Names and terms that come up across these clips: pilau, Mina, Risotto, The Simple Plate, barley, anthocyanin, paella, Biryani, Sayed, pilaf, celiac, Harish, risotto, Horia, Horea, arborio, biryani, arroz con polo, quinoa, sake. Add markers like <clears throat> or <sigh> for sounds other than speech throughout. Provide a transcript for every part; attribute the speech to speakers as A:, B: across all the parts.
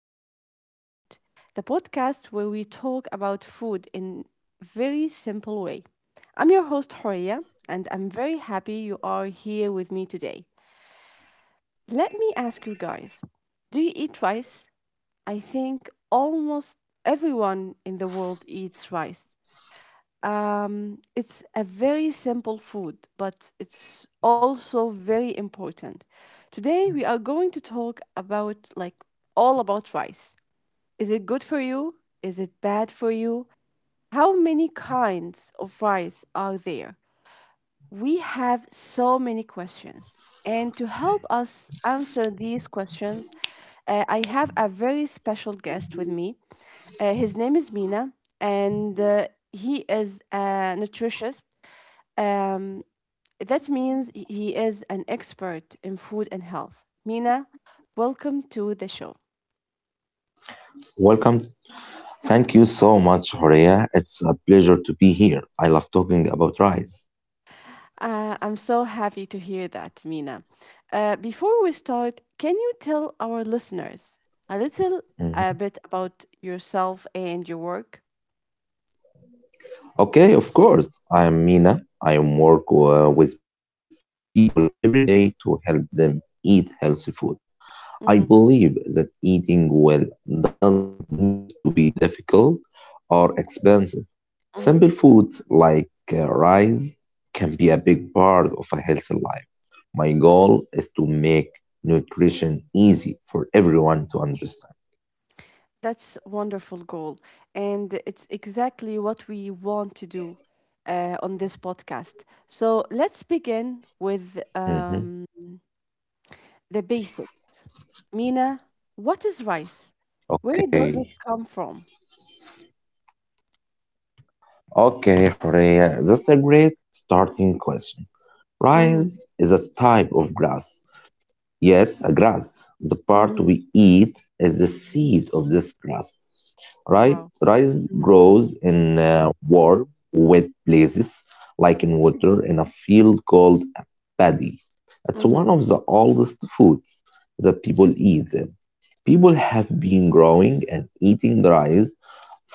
A: The Simple Plate, the podcast where we talk about food in a very simple way. I'm your host, Horia, and I'm very happy you are here with me today. Let me ask you guys, do you eat rice? I think almost everyone in the world eats rice. It's a very simple food, but it's also very important. Today we are going to talk about like all about rice. Is it good for you? Is it bad for you? How many kinds of rice are there? We have so many questions. And to help us answer these questions, I have a very special guest with me. His name is Mina, and he is a nutritionist, um, that means he is an expert in food and health. Mina, welcome to the show.
B: Welcome. Thank you so much, Horea. It's a pleasure to be here. I love talking about rice.
A: I'm so happy to hear that, Mina. Before we start, can you tell our listeners a little bit about
B: Mhm.
A: yourself and your work?
B: Okay, of course. I'm Mina. I work with people every day to help them eat healthy food.
A: Mm-hmm,
B: I believe that eating well doesn't need to be difficult or expensive.
A: mm-hmm.
B: Simple foods like rice can be a big part of a healthy life. My goal is to make nutrition easy for everyone to understand.
A: That's wonderful goal, and it's exactly what we want to do on this podcast. So let's begin with
B: Mm-hmm.
A: the basics. Mina, what is rice? Where does it
B: Okay.
A: come from?
B: Okay, Horea, that's a great starting question.
A: Mm-hmm.
B: Rice is a type of grass. Yes, a grass. The part
A: Mm-hmm.
B: we eat is the seed of this grass. Right?
A: Wow.
B: Rice
A: Mm-hmm.
B: grows in warm, wet places, like in water in a field called a paddy. It's
A: Mm-hmm.
B: one of the oldest foods that people eat. People have been growing and eating rice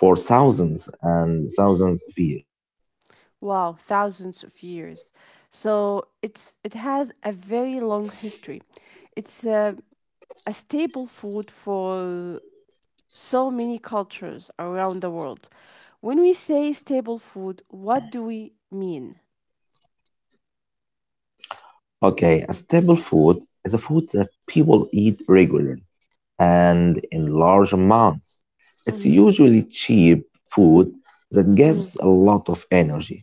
B: for thousands and thousands of years.
A: Wow. Thousands of years. So it has a very long history. It's a staple food for so many cultures around the world. When we say staple food, what do we mean?
B: Okay, a staple food is a food that people eat regularly and in large amounts. It's
A: Mm-hmm.
B: usually cheap food that
A: Mm-hmm.
B: gives a lot of energy.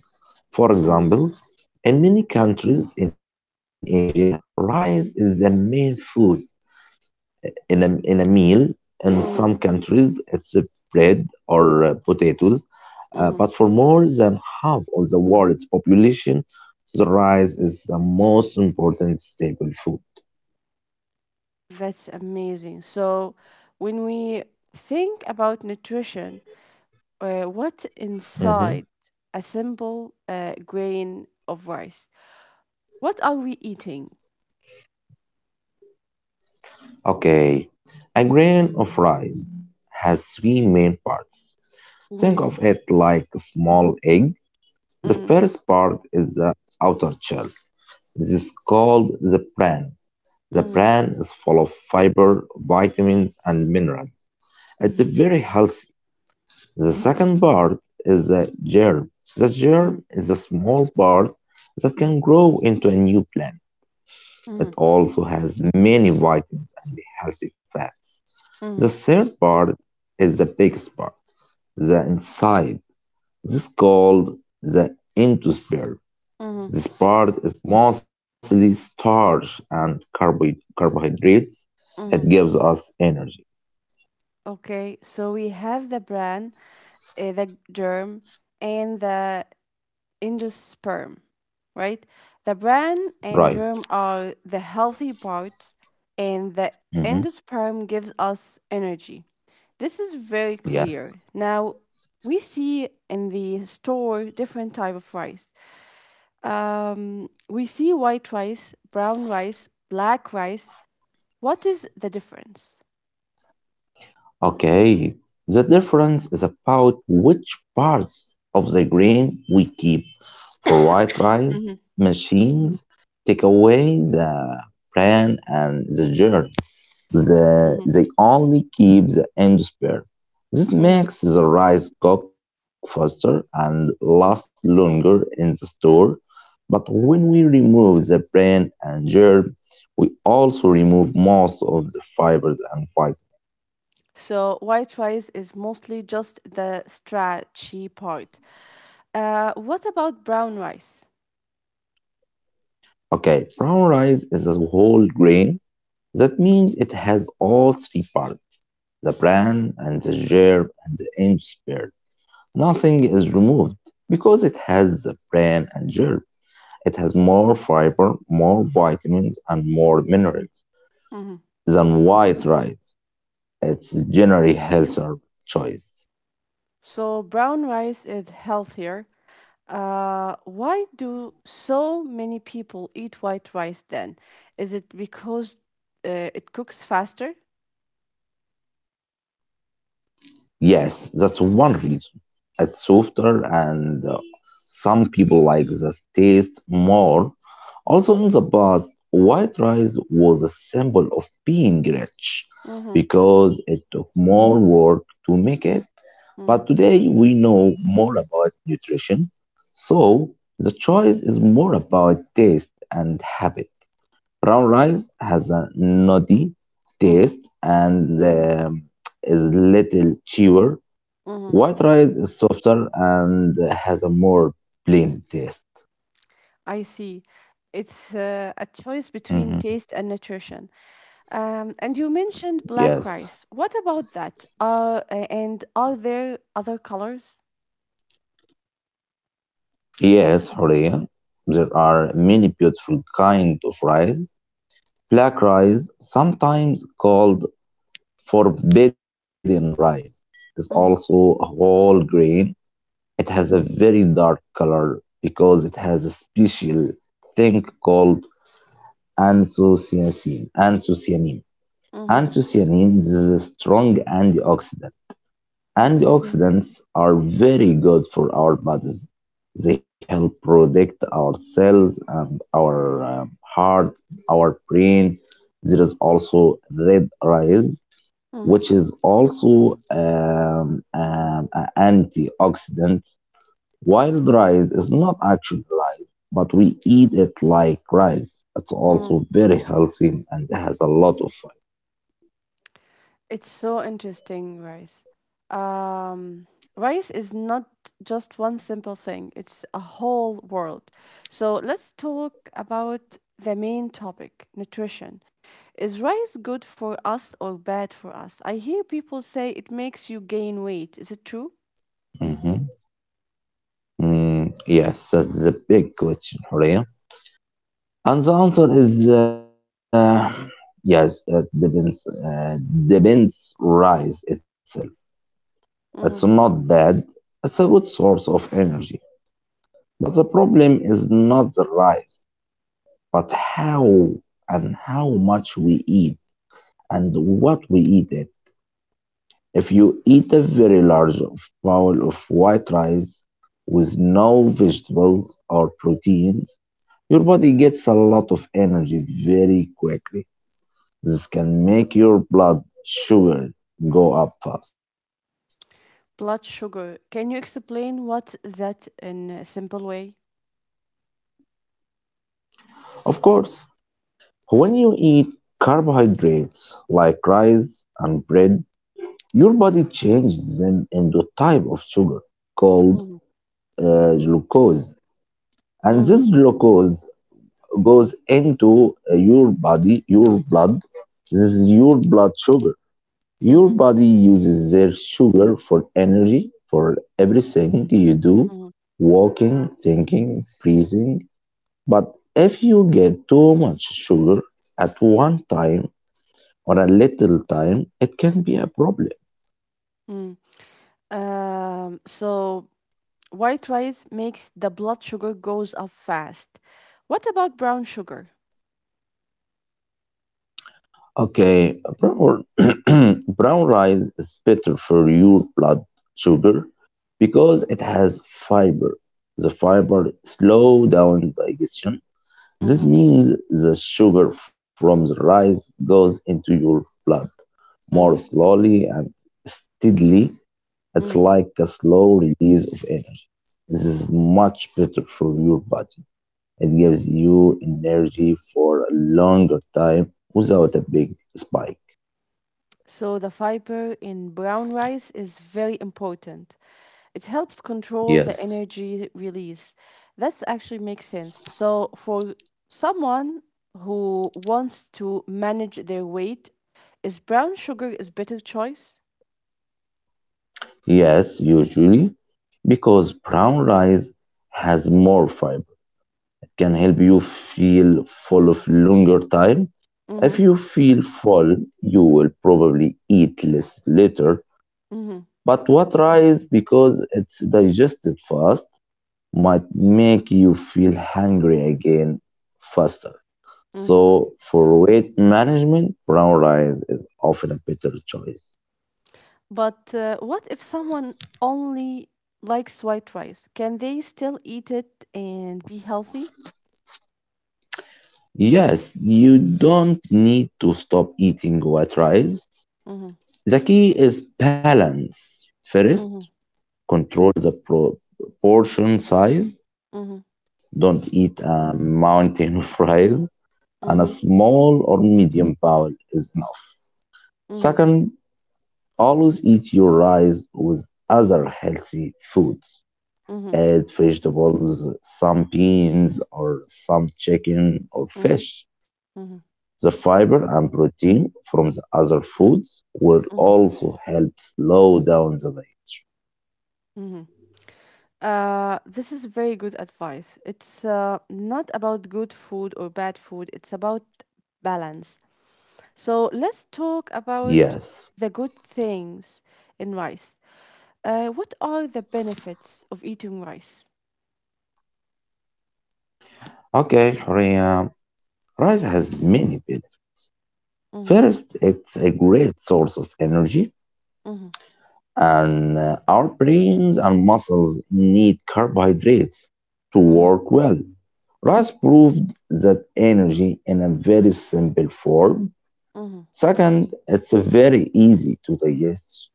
B: For
A: Mm-hmm.
B: example, in many countries in Asia, rice is the main food in a meal. In some
A: Mm-hmm.
B: countries, it's bread or potatoes. But for
A: Mm-hmm.
B: more than half of the world's population, the rice is the most important staple food.
A: That's amazing. So when we think about nutrition, what
B: Mhm.
A: inside a simple grain of rice? What are we eating?
B: Okay, a grain of rice has three main parts. Think
A: Mm,
B: of it like a small egg. The
A: mm,
B: first part is the outer shell. This is called the bran. The
A: mm,
B: bran is full of fiber, vitamins, and minerals. It's
A: mhm,
B: very healthy. The second part is the germ. The
A: mm,
B: germ is a small part that can grow into a new plant.
A: mhm,
B: It also has many vitamins and healthy fats. The
A: mhm,
B: third part is the biggest part, the inside. This is called the endosperm.
A: mhm,
B: This part is mostly starch and carbohydrates. It gives
A: mhm.
B: us energy,
A: Okay, so we have the bran, the germ, and the endosperm, right? The brain and
B: right?
A: germ are the healthy parts, and the
B: Hmm.
A: endosperm gives us energy. This is very
B: Yes.
A: clear. Now, we see in the store different type of rice. We see white rice, brown rice, black rice. What is the difference?
B: Okay, the difference is about which parts of the grain we keep for white rice
A: Mhm,
B: machines take away the bran and the germ. The,
A: mhm,
B: they only keep the endosperm. This
A: mhm.
B: makes the rice cook faster and last longer in the store. But when we remove the bran and germ, we also remove most of the fibers and fiber.
A: So white rice is mostly just the starchy part. What about brown rice?
B: Okay, brown rice is a whole grain. That means it has all three parts the bran and the germ and the end spared. Nothing is removed because it has the bran and germ. It has more fiber, more vitamins, and more minerals
A: Mhm.
B: than white rice. It's generally healthier choice.
A: So brown rice is healthier. Why do so many people eat white rice then? Is it because it cooks faster?
B: Yes, that's one reason. It's softer, and some people like the taste more. Also, in the past, white rice was a symbol of being rich
A: Mm-hmm,
B: because it took more work to make it.
A: mm-hmm,
B: But today, we know more about nutrition, so the choice is more about taste and habit. Brown rice has a nutty
A: mm-hmm,
B: taste and is little chewer.
A: mm-hmm.
B: White rice is softer and has a more plain taste.
A: I see. It's a choice between
B: Mhm.
A: taste and nutrition. And you mentioned black rice.
B: Yes.
A: What about that? And are there other colors?
B: Yes, Horea. There are many beautiful kinds of rice. Black rice, sometimes called forbidden rice, is also a
A: Mm-hmm,
B: whole grain. It has a very dark color because it has a special thing called anthocyanin. Anthocyanin.
A: mm-hmm,
B: Anthocyanin is a strong antioxidant.
A: mm-hmm,
B: Antioxidants are very good for our bodies. They help protect our cells and our heart, our brain. There is also red rice,
A: mm-hmm.
B: which is also an antioxidant. Wild rice is not actually rice, but we eat it like rice. It's also very healthy and has a lot of
A: It's so interesting, rice. Um, Rice is not just one simple thing, it's a whole world. So let's talk about the main topic nutrition. Is rice good for us or bad for us? I hear people say it makes you gain weight. Is it true?
B: fiber. Hmm. Yes, that's the big question, Horea. And the answer is yes, it depends. Depends rice itself. It's
A: Hmm.
B: not bad. It's a good source of energy. But the problem is not the rice, but how and how much we eat and what we eat it. If you eat a very large bowl of white rice with no vegetables or proteins, your body gets a lot of energy very quickly. This can make your blood sugar go up fast.
A: Blood sugar. Can you explain what that in a simple way?
B: Of course, when you eat carbohydrates like rice and bread, your body changes them into a type of sugar called
A: Mm-hmm.
B: glucose. And
A: Mm-hmm.
B: this glucose goes into your body, your blood. This is your blood sugar. Your
A: Mm-hmm.
B: body uses their sugar for energy, for everything you do walking, thinking, breathing. But if you get too much sugar at one time or a little time, it can be a problem.
A: Mm-hmm. Mm-hmm. So White rice makes the blood sugar goes up fast. What about brown sugar?
B: Okay, <clears throat> brown rice is better for your blood sugar because it has fiber. The fiber slow down digestion. This
A: Mm-hmm,
B: means the sugar from the rice goes into your blood more
A: mm-hmm,
B: slowly and steadily. It's like
A: mm-hmm.
B: a slow release of energy. This is much better for your body. It gives you energy for a longer time without a big spike.
A: So the fiber in brown rice is very important. It helps control the
B: Yes.
A: energy release. That's actually makes sense. So for someone who wants to manage their weight, is brown sugar is better choice?
B: Yes, usually because brown rice has more fiber. It can help you feel full of longer time. If
A: Mm-hmm,
B: you feel full, you will probably eat less later.
A: mm-hmm,
B: But what rice, because it's digested fast, might make you feel hungry again faster.
A: mm-hmm.
B: So for weight management, brown rice is often a better choice.
A: But what if someone only likes white rice? Can they still eat it and be healthy?
B: Yes, you don't need to stop eating white rice.
A: Mm-hmm.
B: The key is balance. First,
A: Mm-hmm.
B: control the portion size.
A: Mm-hmm.
B: Don't eat a mountain <laughs> of rice, and a
A: Mm-hmm.
B: small or medium bowl is enough.
A: Mm-hmm.
B: Second, always eat your rice with other healthy foods.
A: Mm-hmm.
B: Add vegetables, some beans, or some chicken or
A: Mm-hmm.
B: fish.
A: Mm-hmm.
B: The fiber and protein from the other foods will
A: Mm-hmm.
B: also help slow down the weight.
A: Mm-hmm. This is very good advice. It's not about good food or bad food. It's about balance. So let's talk
B: Yes.
A: about the good things in rice. What are the benefits of eating rice?
B: Okay, Horea. Rice has many benefits.
A: Mm-hmm.
B: First, it's a great source of energy,
A: Mm-hmm.
B: and our brains and muscles need carbohydrates to
A: Mm-hmm.
B: work well. Rice proved that energy in a very simple form.
A: Mm-hmm.
B: Second, it's very easy to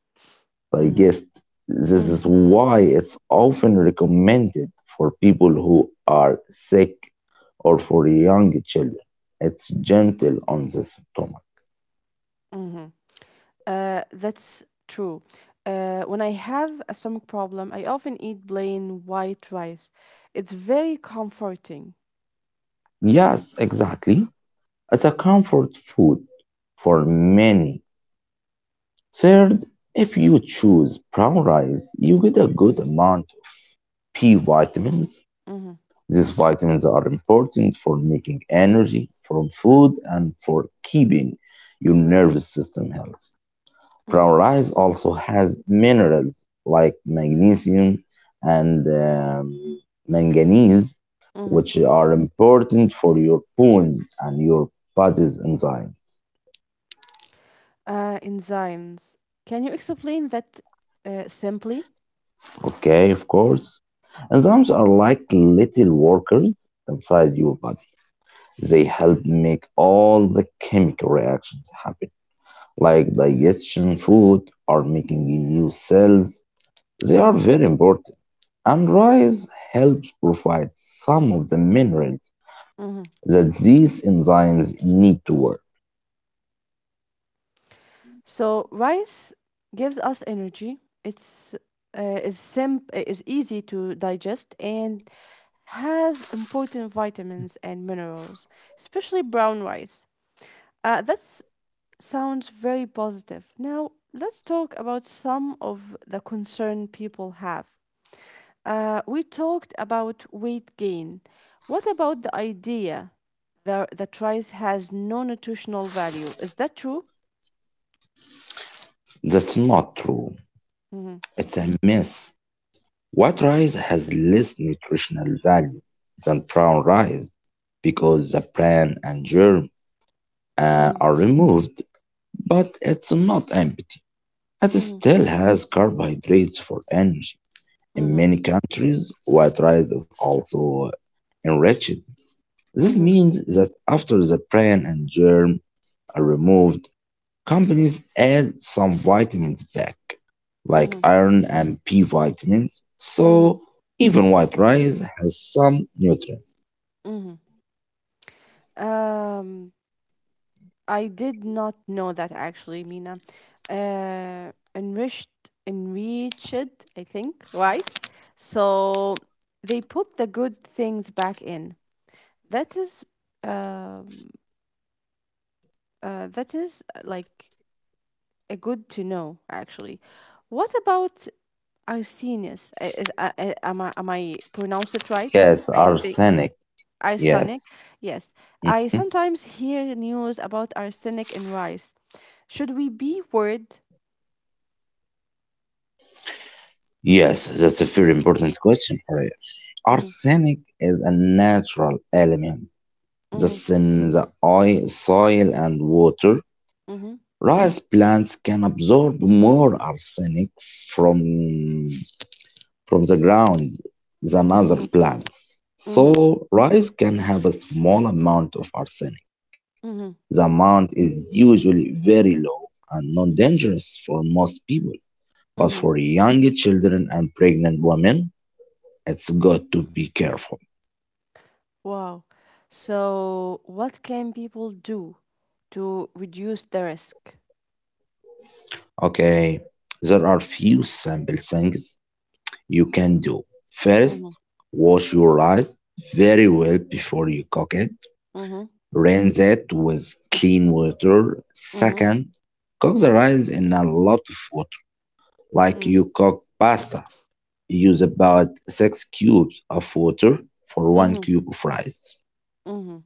A: Mhm,
B: digest. This is
A: mhm,
B: why it's often recommended for people who are sick or for young children. It's gentle on the stomach.
A: mhm. That's true. When I have a stomach problem, I often eat plain white rice. It's very comforting.
B: Yes, exactly. It's a comfort food for many. Third, if you choose brown rice, you get a good amount of B vitamins.
A: Mm-hmm,
B: These vitamins are important for making energy from food and for keeping your nervous system healthy.
A: mm,
B: Brown rice also has minerals like magnesium and manganese,
A: mm-hmm.
B: which are important for your bones and your body's enzymes.
A: Enzymes. Can you explain that simply?
B: Okay, of course. Enzymes are like little workers inside your body. They help make all the chemical reactions happen like digestion, food, or making new cells. They are
A: Mm-hmm,
B: very important, and rice helps provide some of the minerals
A: mm-hmm.
B: that these enzymes need to work.
A: So rice gives us energy. It's is simp is easy to digest and has important vitamins and minerals, especially brown rice. That's Sounds very positive. Now, let's talk about some of the concern people have. We talked about weight gain. What about the idea that rice has no nutritional value? Is that true?
B: That's not true.
A: Hmm.
B: It's a myth. White rice has less nutritional value than brown rice because the bran and germ
A: Hmm.
B: are removed, but it's not empty. It
A: Hmm.
B: still has carbohydrates for energy. In
A: Hmm.
B: many countries, white rice is also enriched. This
A: Hmm.
B: means that after the bran and germ are removed, companies add some vitamins back, like
A: Hmm.
B: iron and B vitamins.
A: Hmm.
B: So even white rice has some nutrients.
A: Hmm. Um, I did not know that actually, Mina. Enriched, I think, rice. So they put the good things back in. That is, um, that is like a good to know actually. What about Arsenius? I- Is, I- am I am I pronounce it right?
B: Yes,
A: I think
B: arsenic.
A: arsenic.
B: Yes.
A: Yes, I
B: Mhm.
A: sometimes hear news about arsenic in rice. Should we be worried?
B: Yes, that's a very important question, Horea.
A: Mhm,
B: Arsenic is a natural element
A: mhm,
B: that's in the oil, soil, and water.
A: mhm,
B: Rice plants can absorb more arsenic from, from the ground than other
A: mhm,
B: plants.
A: mhm,
B: So, rice can have a small amount of arsenic. The
A: mhm,
B: amount is usually very low and non dangerous for most people. But
A: mhm.
B: for young children and pregnant women, it's good to be careful.
A: Wow. So, what can people do to reduce the risk?
B: Okay, there are few simple things you can do.
A: Mhm,
B: First, wash your rice very well before you cook it.
A: mhm,
B: Rinse it with clean water.
A: mhm,
B: Second, cook the rice in a lot of water, like
A: mm,
B: you cook pasta. Use about 6 cubes of water for 1
A: mhm,
B: cube of rice.
A: mhm,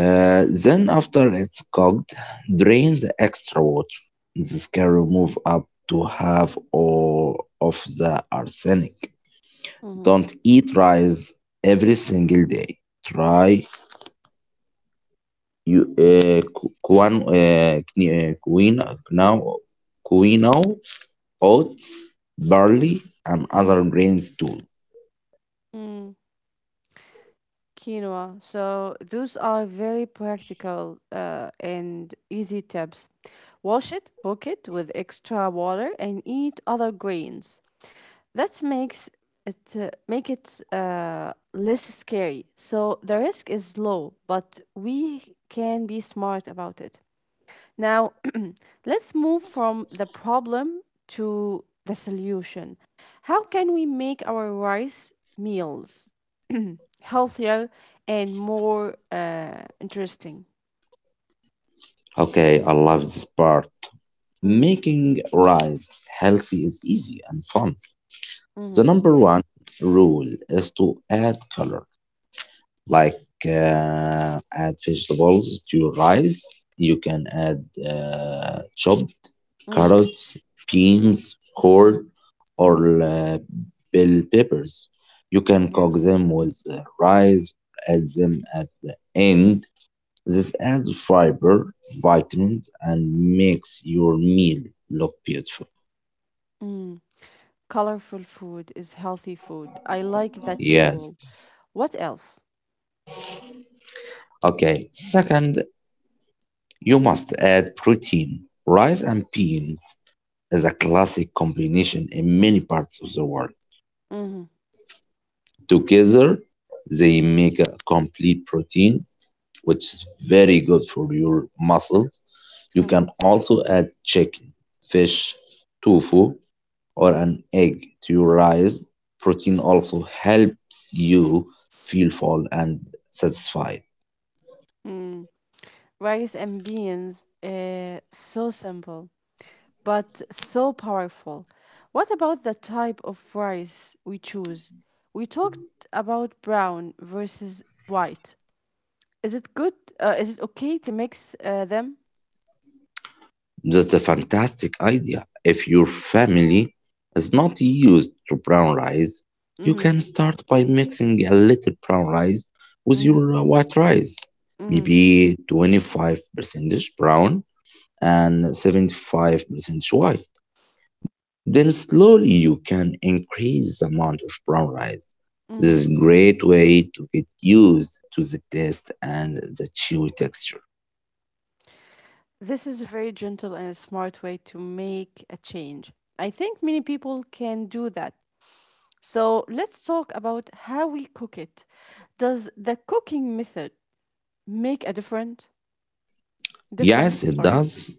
B: Then, after it's cooked, drain the extra water. This can remove up to half or of the arsenic.
A: mhm,
B: Don't eat rice every single day. Try you quinoa, quinoa, oats, barley,
A: mhm,
B: and other grains too.
A: mhm. Quinoa. So those are very practical and easy tips. Wash it, cook it with extra water, and eat other grains. That makes it less scary. So the risk is low, but we can be smart about it. Now let's move from the problem to the solution. How can we make our rice meals <clears throat> healthier and more interesting?
B: Okay, I love this part.
A: Mm-hmm,
B: Making rice healthy is easy and fun.
A: mm-hmm,
B: The number one rule is to add color, like add vegetables to your rice. You can add chopped
A: mm-hmm,
B: carrots, beans,
A: mm-hmm.
B: corn, or bell peppers. You can cook
A: Yes.
B: them with rice or add them at the end. This adds fiber, vitamins, and makes your meal look beautiful.
A: Mm. Colorful food is healthy food. I like that rule.
B: Yes.
A: What else?
B: Okay. Second, you must add protein. Rice and beans is a classic combination in many parts of the world.
A: Mm-hmm,
B: Together, they make a complete protein which is very good for your muscles. You
A: mm-hmm.
B: can also add chicken, fish, tofu, or an egg to your rice. Protein also helps you feel full and satisfied.
A: Mm. Rice and beans. So simple, but so powerful. What about the type of rice we choose? We talked about brown versus white. Is it good? Is it okay to mix them?
B: That's a fantastic idea. If your
A: Mm-hmm,
B: family is not used to brown rice, you
A: mm-hmm,
B: can start by mixing a little brown rice with
A: mm-hmm,
B: your white rice,
A: mm-hmm.
B: maybe 25% brown and 75% white. Then slowly you can increase the amount of brown rice. This is
A: Mm-hmm.
B: a great way to get used to the taste and the chewy texture.
A: This is a very gentle and a smart way to make a change. I think many people can do that. So let's talk about how we cook it. Does the cooking method make a different difference?
B: Yes,
A: I'm
B: it
A: sorry.
B: does.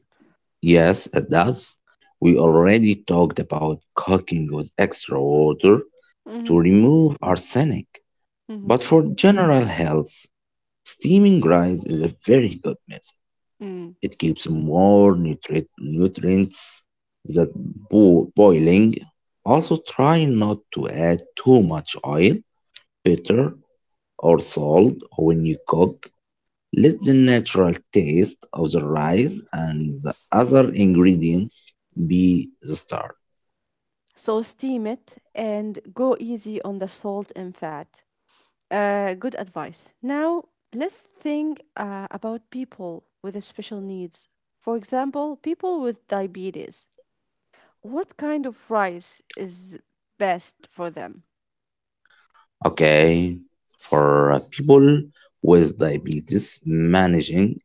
B: Yes, it does. We already talked about cooking with extra water to
A: Mm-hmm,
B: remove arsenic.
A: mm-hmm,
B: But for general health, steaming rice is a very good method.
A: mm.
B: It keeps more nutrients than boiling. Also, try not to add too much oil, butter, or salt when you cook. Let the natural taste of the rice and the other ingredients be the start.
A: So steam it and go easy on the salt and fat. Good advice. Now, let's think about people with special needs. For example, people with diabetes. What kind of rice is best for them?
B: Okay, for people with diabetes, managing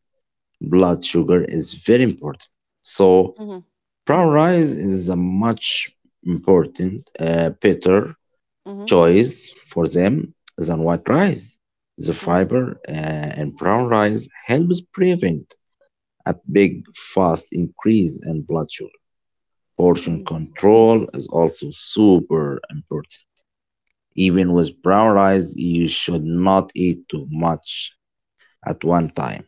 B: blood sugar is very important. So,
A: Hmm.
B: brown rice is a much important better
A: Hmm.
B: choice for them than white rice. The
A: Hmm.
B: fiber in brown rice helps prevent a big fast increase in blood sugar. Portion
A: Hmm.
B: control is also super important. Even with brown rice, you should not eat too much at one time.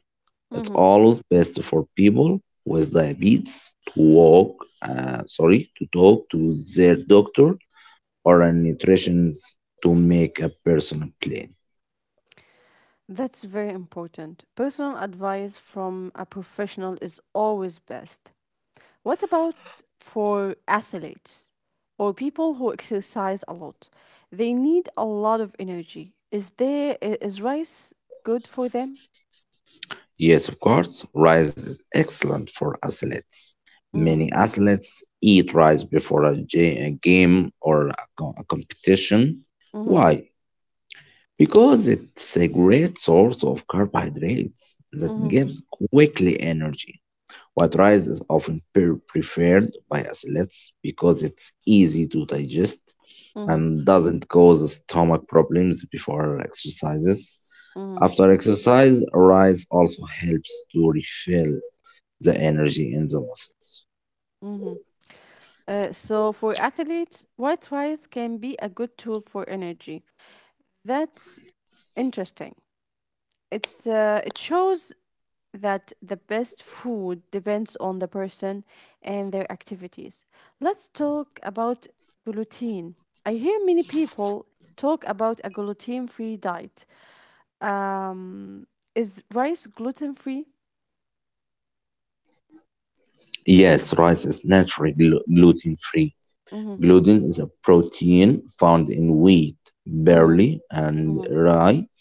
B: It's
A: Hmm.
B: always best for people with diabetes to talk to their doctor or a nutritionist to make a personal plan.
A: That's very important. Personal advice from a professional is always best. What about for athletes or people who exercise a lot? They need a lot of energy. Is rice good for them?
B: Yes, of course, rice is excellent for athletes.
A: Mm-hmm.
B: Many athletes eat rice before a game or a competition.
A: Mm-hmm.
B: Why? Because it's a great source of carbohydrates that
A: Mm-hmm.
B: gives quickly energy. White rice is often preferred by athletes because it's easy to digest
A: Mm-hmm.
B: and doesn't cause stomach problems before exercises.
A: Mm-hmm.
B: After exercise, rice also helps to refill the energy in the muscles.
A: Mm-hmm. So for athletes, white rice can be a good tool for energy. That's interesting. It shows that the best food depends on the person and their activities. Let's talk about gluten. I hear many people talk about a gluten free diet. Um, is rice gluten free?
B: Yes, rice is naturally gluten free.
A: Mm-hmm,
B: Gluten is a protein found in wheat,
A: mm-hmm,
B: barley, and
A: mm-hmm,
B: rye.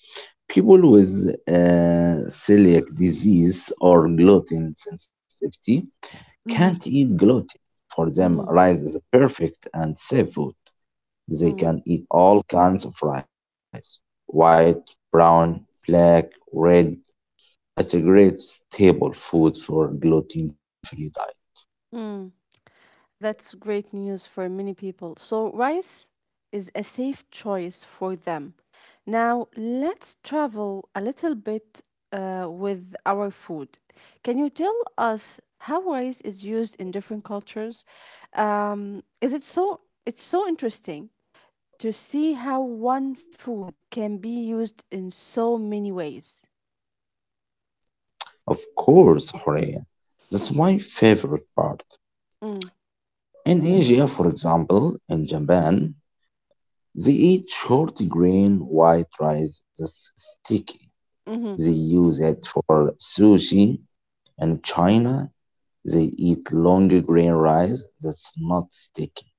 B: People with celiac disease or gluten sensitivity can't
A: mm-hmm,
B: eat gluten. For them,
A: mm-hmm.
B: rice is perfect and safe food. They can eat all kinds of rice: white, brown, black, red. It's a great staple food for gluten free diet.
A: That's great news for many people. So, rice is a safe choice for them. Now, let's travel a little bit with our food. Can you tell us how rice is used in different cultures? Is it so? It's so interesting to see how one food can be used in so many ways.
B: Of course, Horea. That's my favorite part.
A: Mm,
B: In Asia, for example, in Japan, they eat short grain white rice that's sticky.
A: mm-hmm,
B: They use it for sushi. In China, they eat long grain rice that's not sticky,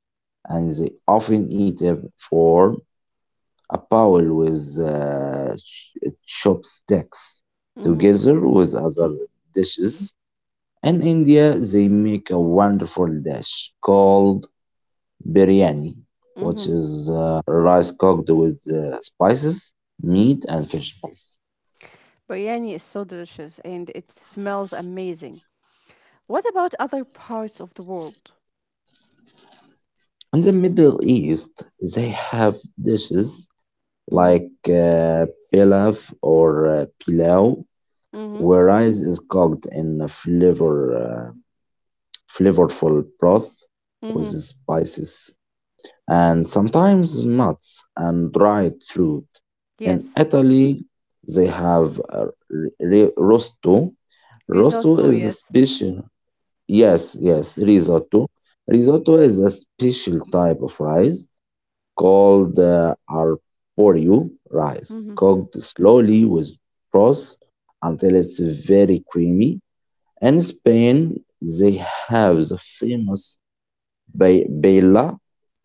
B: and they often eat a form a bowl with chopsticks
A: mm-hmm,
B: together with other dishes. In India, they make a wonderful dish called biryani,
A: mm-hmm.
B: which is rice cooked with spices, meat, and vegetables.
A: Biryani is so delicious and it smells amazing. What about other parts of the world?
B: In the Middle East, they have dishes
A: Mm-hmm.
B: like pilaf or pilau,
A: Mm-hmm.
B: where rice is cooked in a flavorful broth with
A: Mm-hmm.
B: spices and sometimes nuts and dried fruit. In
A: Yes.
B: Italy, they have rosto. Rosto
A: Risotto,
B: is a
A: yes.
B: special, yes, yes, risotto. Risotto is a special type of rice called the arborio rice,
A: Mm-hmm.
B: cooked slowly with broth until it's very creamy. In Spain, they have the famous paella,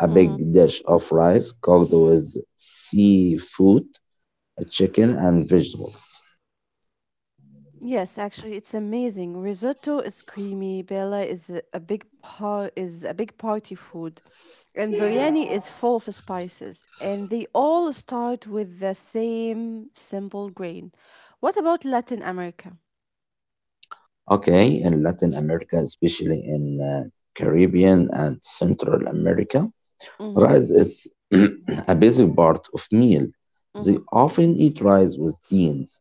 B: a
A: Mm-hmm.
B: big dish of rice cooked with seafood, chicken, and vegetables.
A: Yes, actually, it's amazing. Risotto is creamy. Bella is a big party food, and biryani is full of spices, and they all start with the same simple grain. What about Latin America?
B: Okay, in Latin America, especially in Caribbean and Central America,
A: Mm-hmm.
B: rice is <clears throat> a basic part of meal. They
A: Mm-hmm.
B: often eat rice with beans,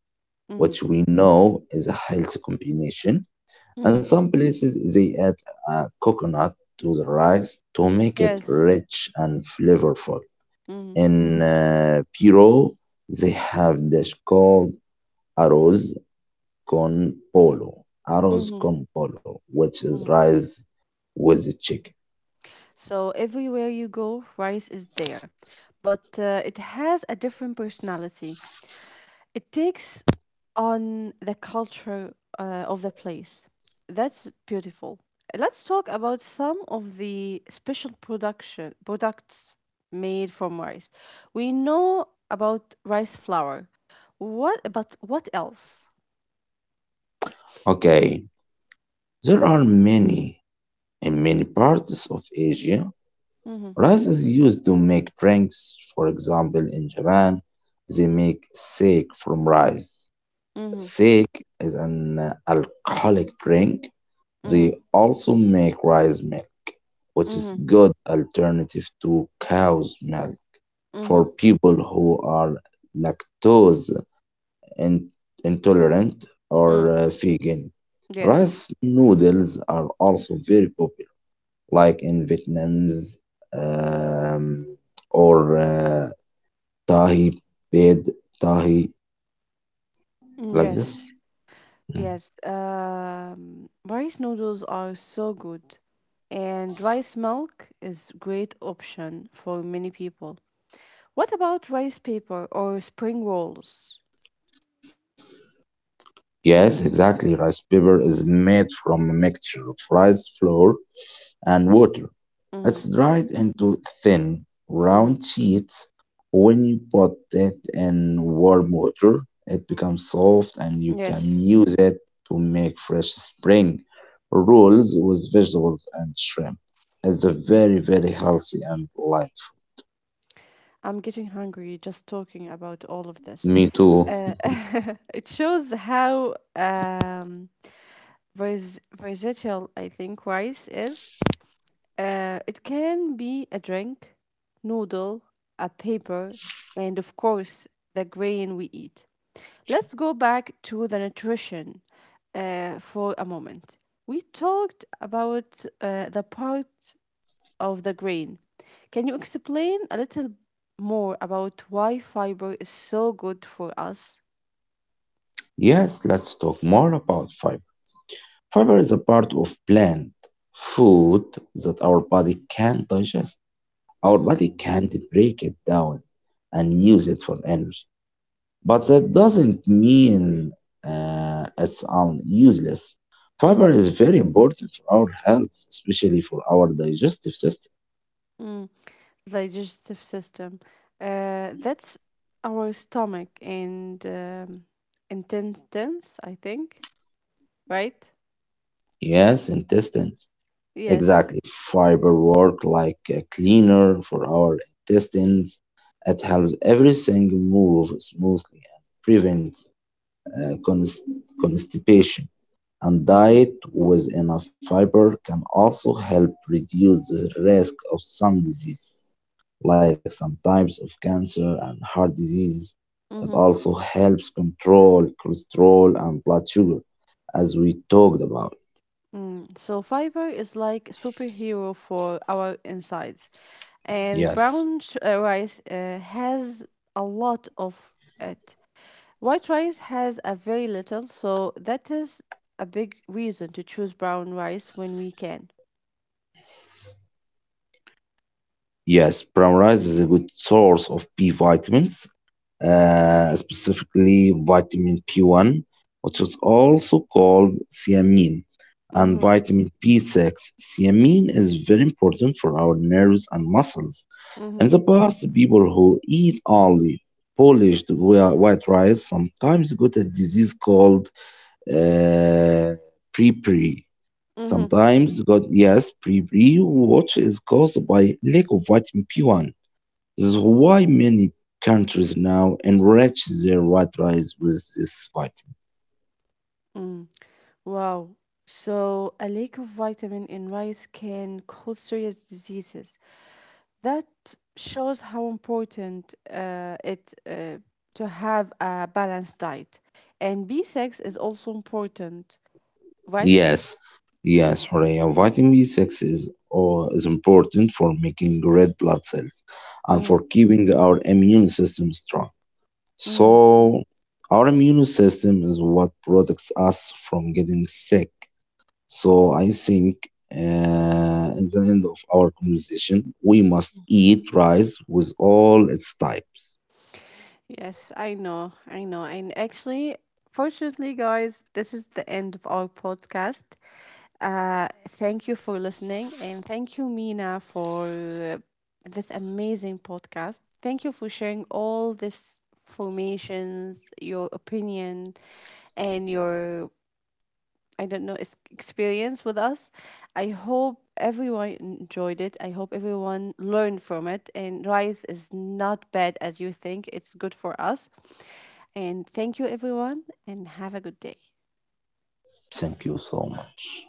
A: Mm-hmm.
B: which we know is a healthy combination. And
A: Mm-hmm.
B: some places they add a coconut to the rice to make it
A: Yes.
B: rich and flavorful.
A: Mm-hmm.
B: In Peru, they have dish called arroz arroz
A: Mm-hmm.
B: con polo, which is rice with chicken.
A: So everywhere you go, rice is there, but it has a different personality. It takes on the culture of the place. That's beautiful. Let's talk about some of the special production products made from rice. We know about rice flour. What but what else?
B: Okay, there are many. In many parts of Asia,
A: Mm-hmm.
B: rice is used to make drinks. For example, in Japan, they make sake from rice.
A: Mm-hmm.
B: Sake is an alcoholic drink. They
A: Mm-hmm.
B: also make rice milk, which is
A: Mm-hmm.
B: good alternative to cow's milk for
A: Mm-hmm.
B: people who are lactose in- intolerant or
A: Mm.
B: vegan.
A: Yes.
B: Rice noodles are also very popular like in Vietnam's um, or tahi bed tahi
A: Mm,
B: like this.
A: yes.
B: Mm.
A: Yes, rice noodles are so good, and rice milk is great option for many people. What about rice paper or spring rolls?
B: Yes, exactly. Rice paper is made from a mixture of rice flour and water. It's
A: Mm-hmm,
B: dried into thin,
A: mm-hmm.
B: round sheets. When you put it in warm water, it becomes soft and you can
A: Yes,
B: use it to make fresh spring rolls with vegetables and shrimp. It's a
A: mm.
B: very, very healthy and light.
A: I'm getting hungry just talking about all of this.
B: Me too.
A: Uh, <laughs> it shows how versatile I think rice is. It can be a drink, noodle, a paper, and of course, the grain we eat. Let's go back to the nutrition for a moment. We talked about the part of the grain. Can you explain a little more about why fiber is so good for us?
B: Yes, let's talk more about fiber. Fiber is a part of plant food that our body can digest. Our
A: Mm-hmm,
B: body can't break it down and use it for energy. But that doesn't mean it's useless. Fiber
A: mm-hmm,
B: is very important for our health, especially for our digestive system.
A: digestive system. That's our stomach and intestines, I think, right?
B: Yes, intestines.
A: Yes.
B: Exactly. Fiber work like a cleaner for our intestines. It helps everything move smoothly and prevent uh, const- constipation. And
A: Mm-hmm.
B: diet with enough fiber can also help reduce the risk of some diseases, like some types of cancer and heart disease. It
A: Mm-hmm.
B: also helps control cholesterol and blood sugar, as we talked about.
A: Mm. So fiber is like superhero for our insides, and
B: Yes,
A: brown rice has a lot of it. White rice has a very little, so that is a big reason to choose brown rice when we can.
B: yes, brown rice is a good source of B vitamins, specifically vitamin P1, which is also called thiamine, and
A: Mm-hmm.
B: vitamin B6. Thiamine is very important for our nerves and muscles.
A: Mm-hmm.
B: In the past, people who eat only polished white rice sometimes got a disease called uh, pre.
A: Mm-hmm.
B: Sometimes got, yes, pre, which is caused by lack of vitamin P1. This is why many countries now enrich their white rice with this vitamin.
A: Mm. Wow. So, a lack of vitamin in rice can cause serious diseases. That shows how important it to have a balanced diet. And B6 is also important, right?
B: Yes, yes, Horea. Vitamin B6 is important for making red blood cells and for keeping our immune system strong.
A: Mm-hmm.
B: So, our immune system is what protects us from getting sick. So, I think at the end of our conversation, we must eat rice with all its types.
A: Yes, I know. I know. And actually, fortunately, guys, this is the end of our podcast. Thank you for listening. And thank you, Mina, for uh, this amazing podcast. Thank you for sharing all this formations, your opinion, and your I don't know, experience with us. I hope everyone enjoyed it. I hope everyone learned from it. And rice is not bad as you think, it's good for us. And thank you, everyone, and have a good day.
B: Thank you so much.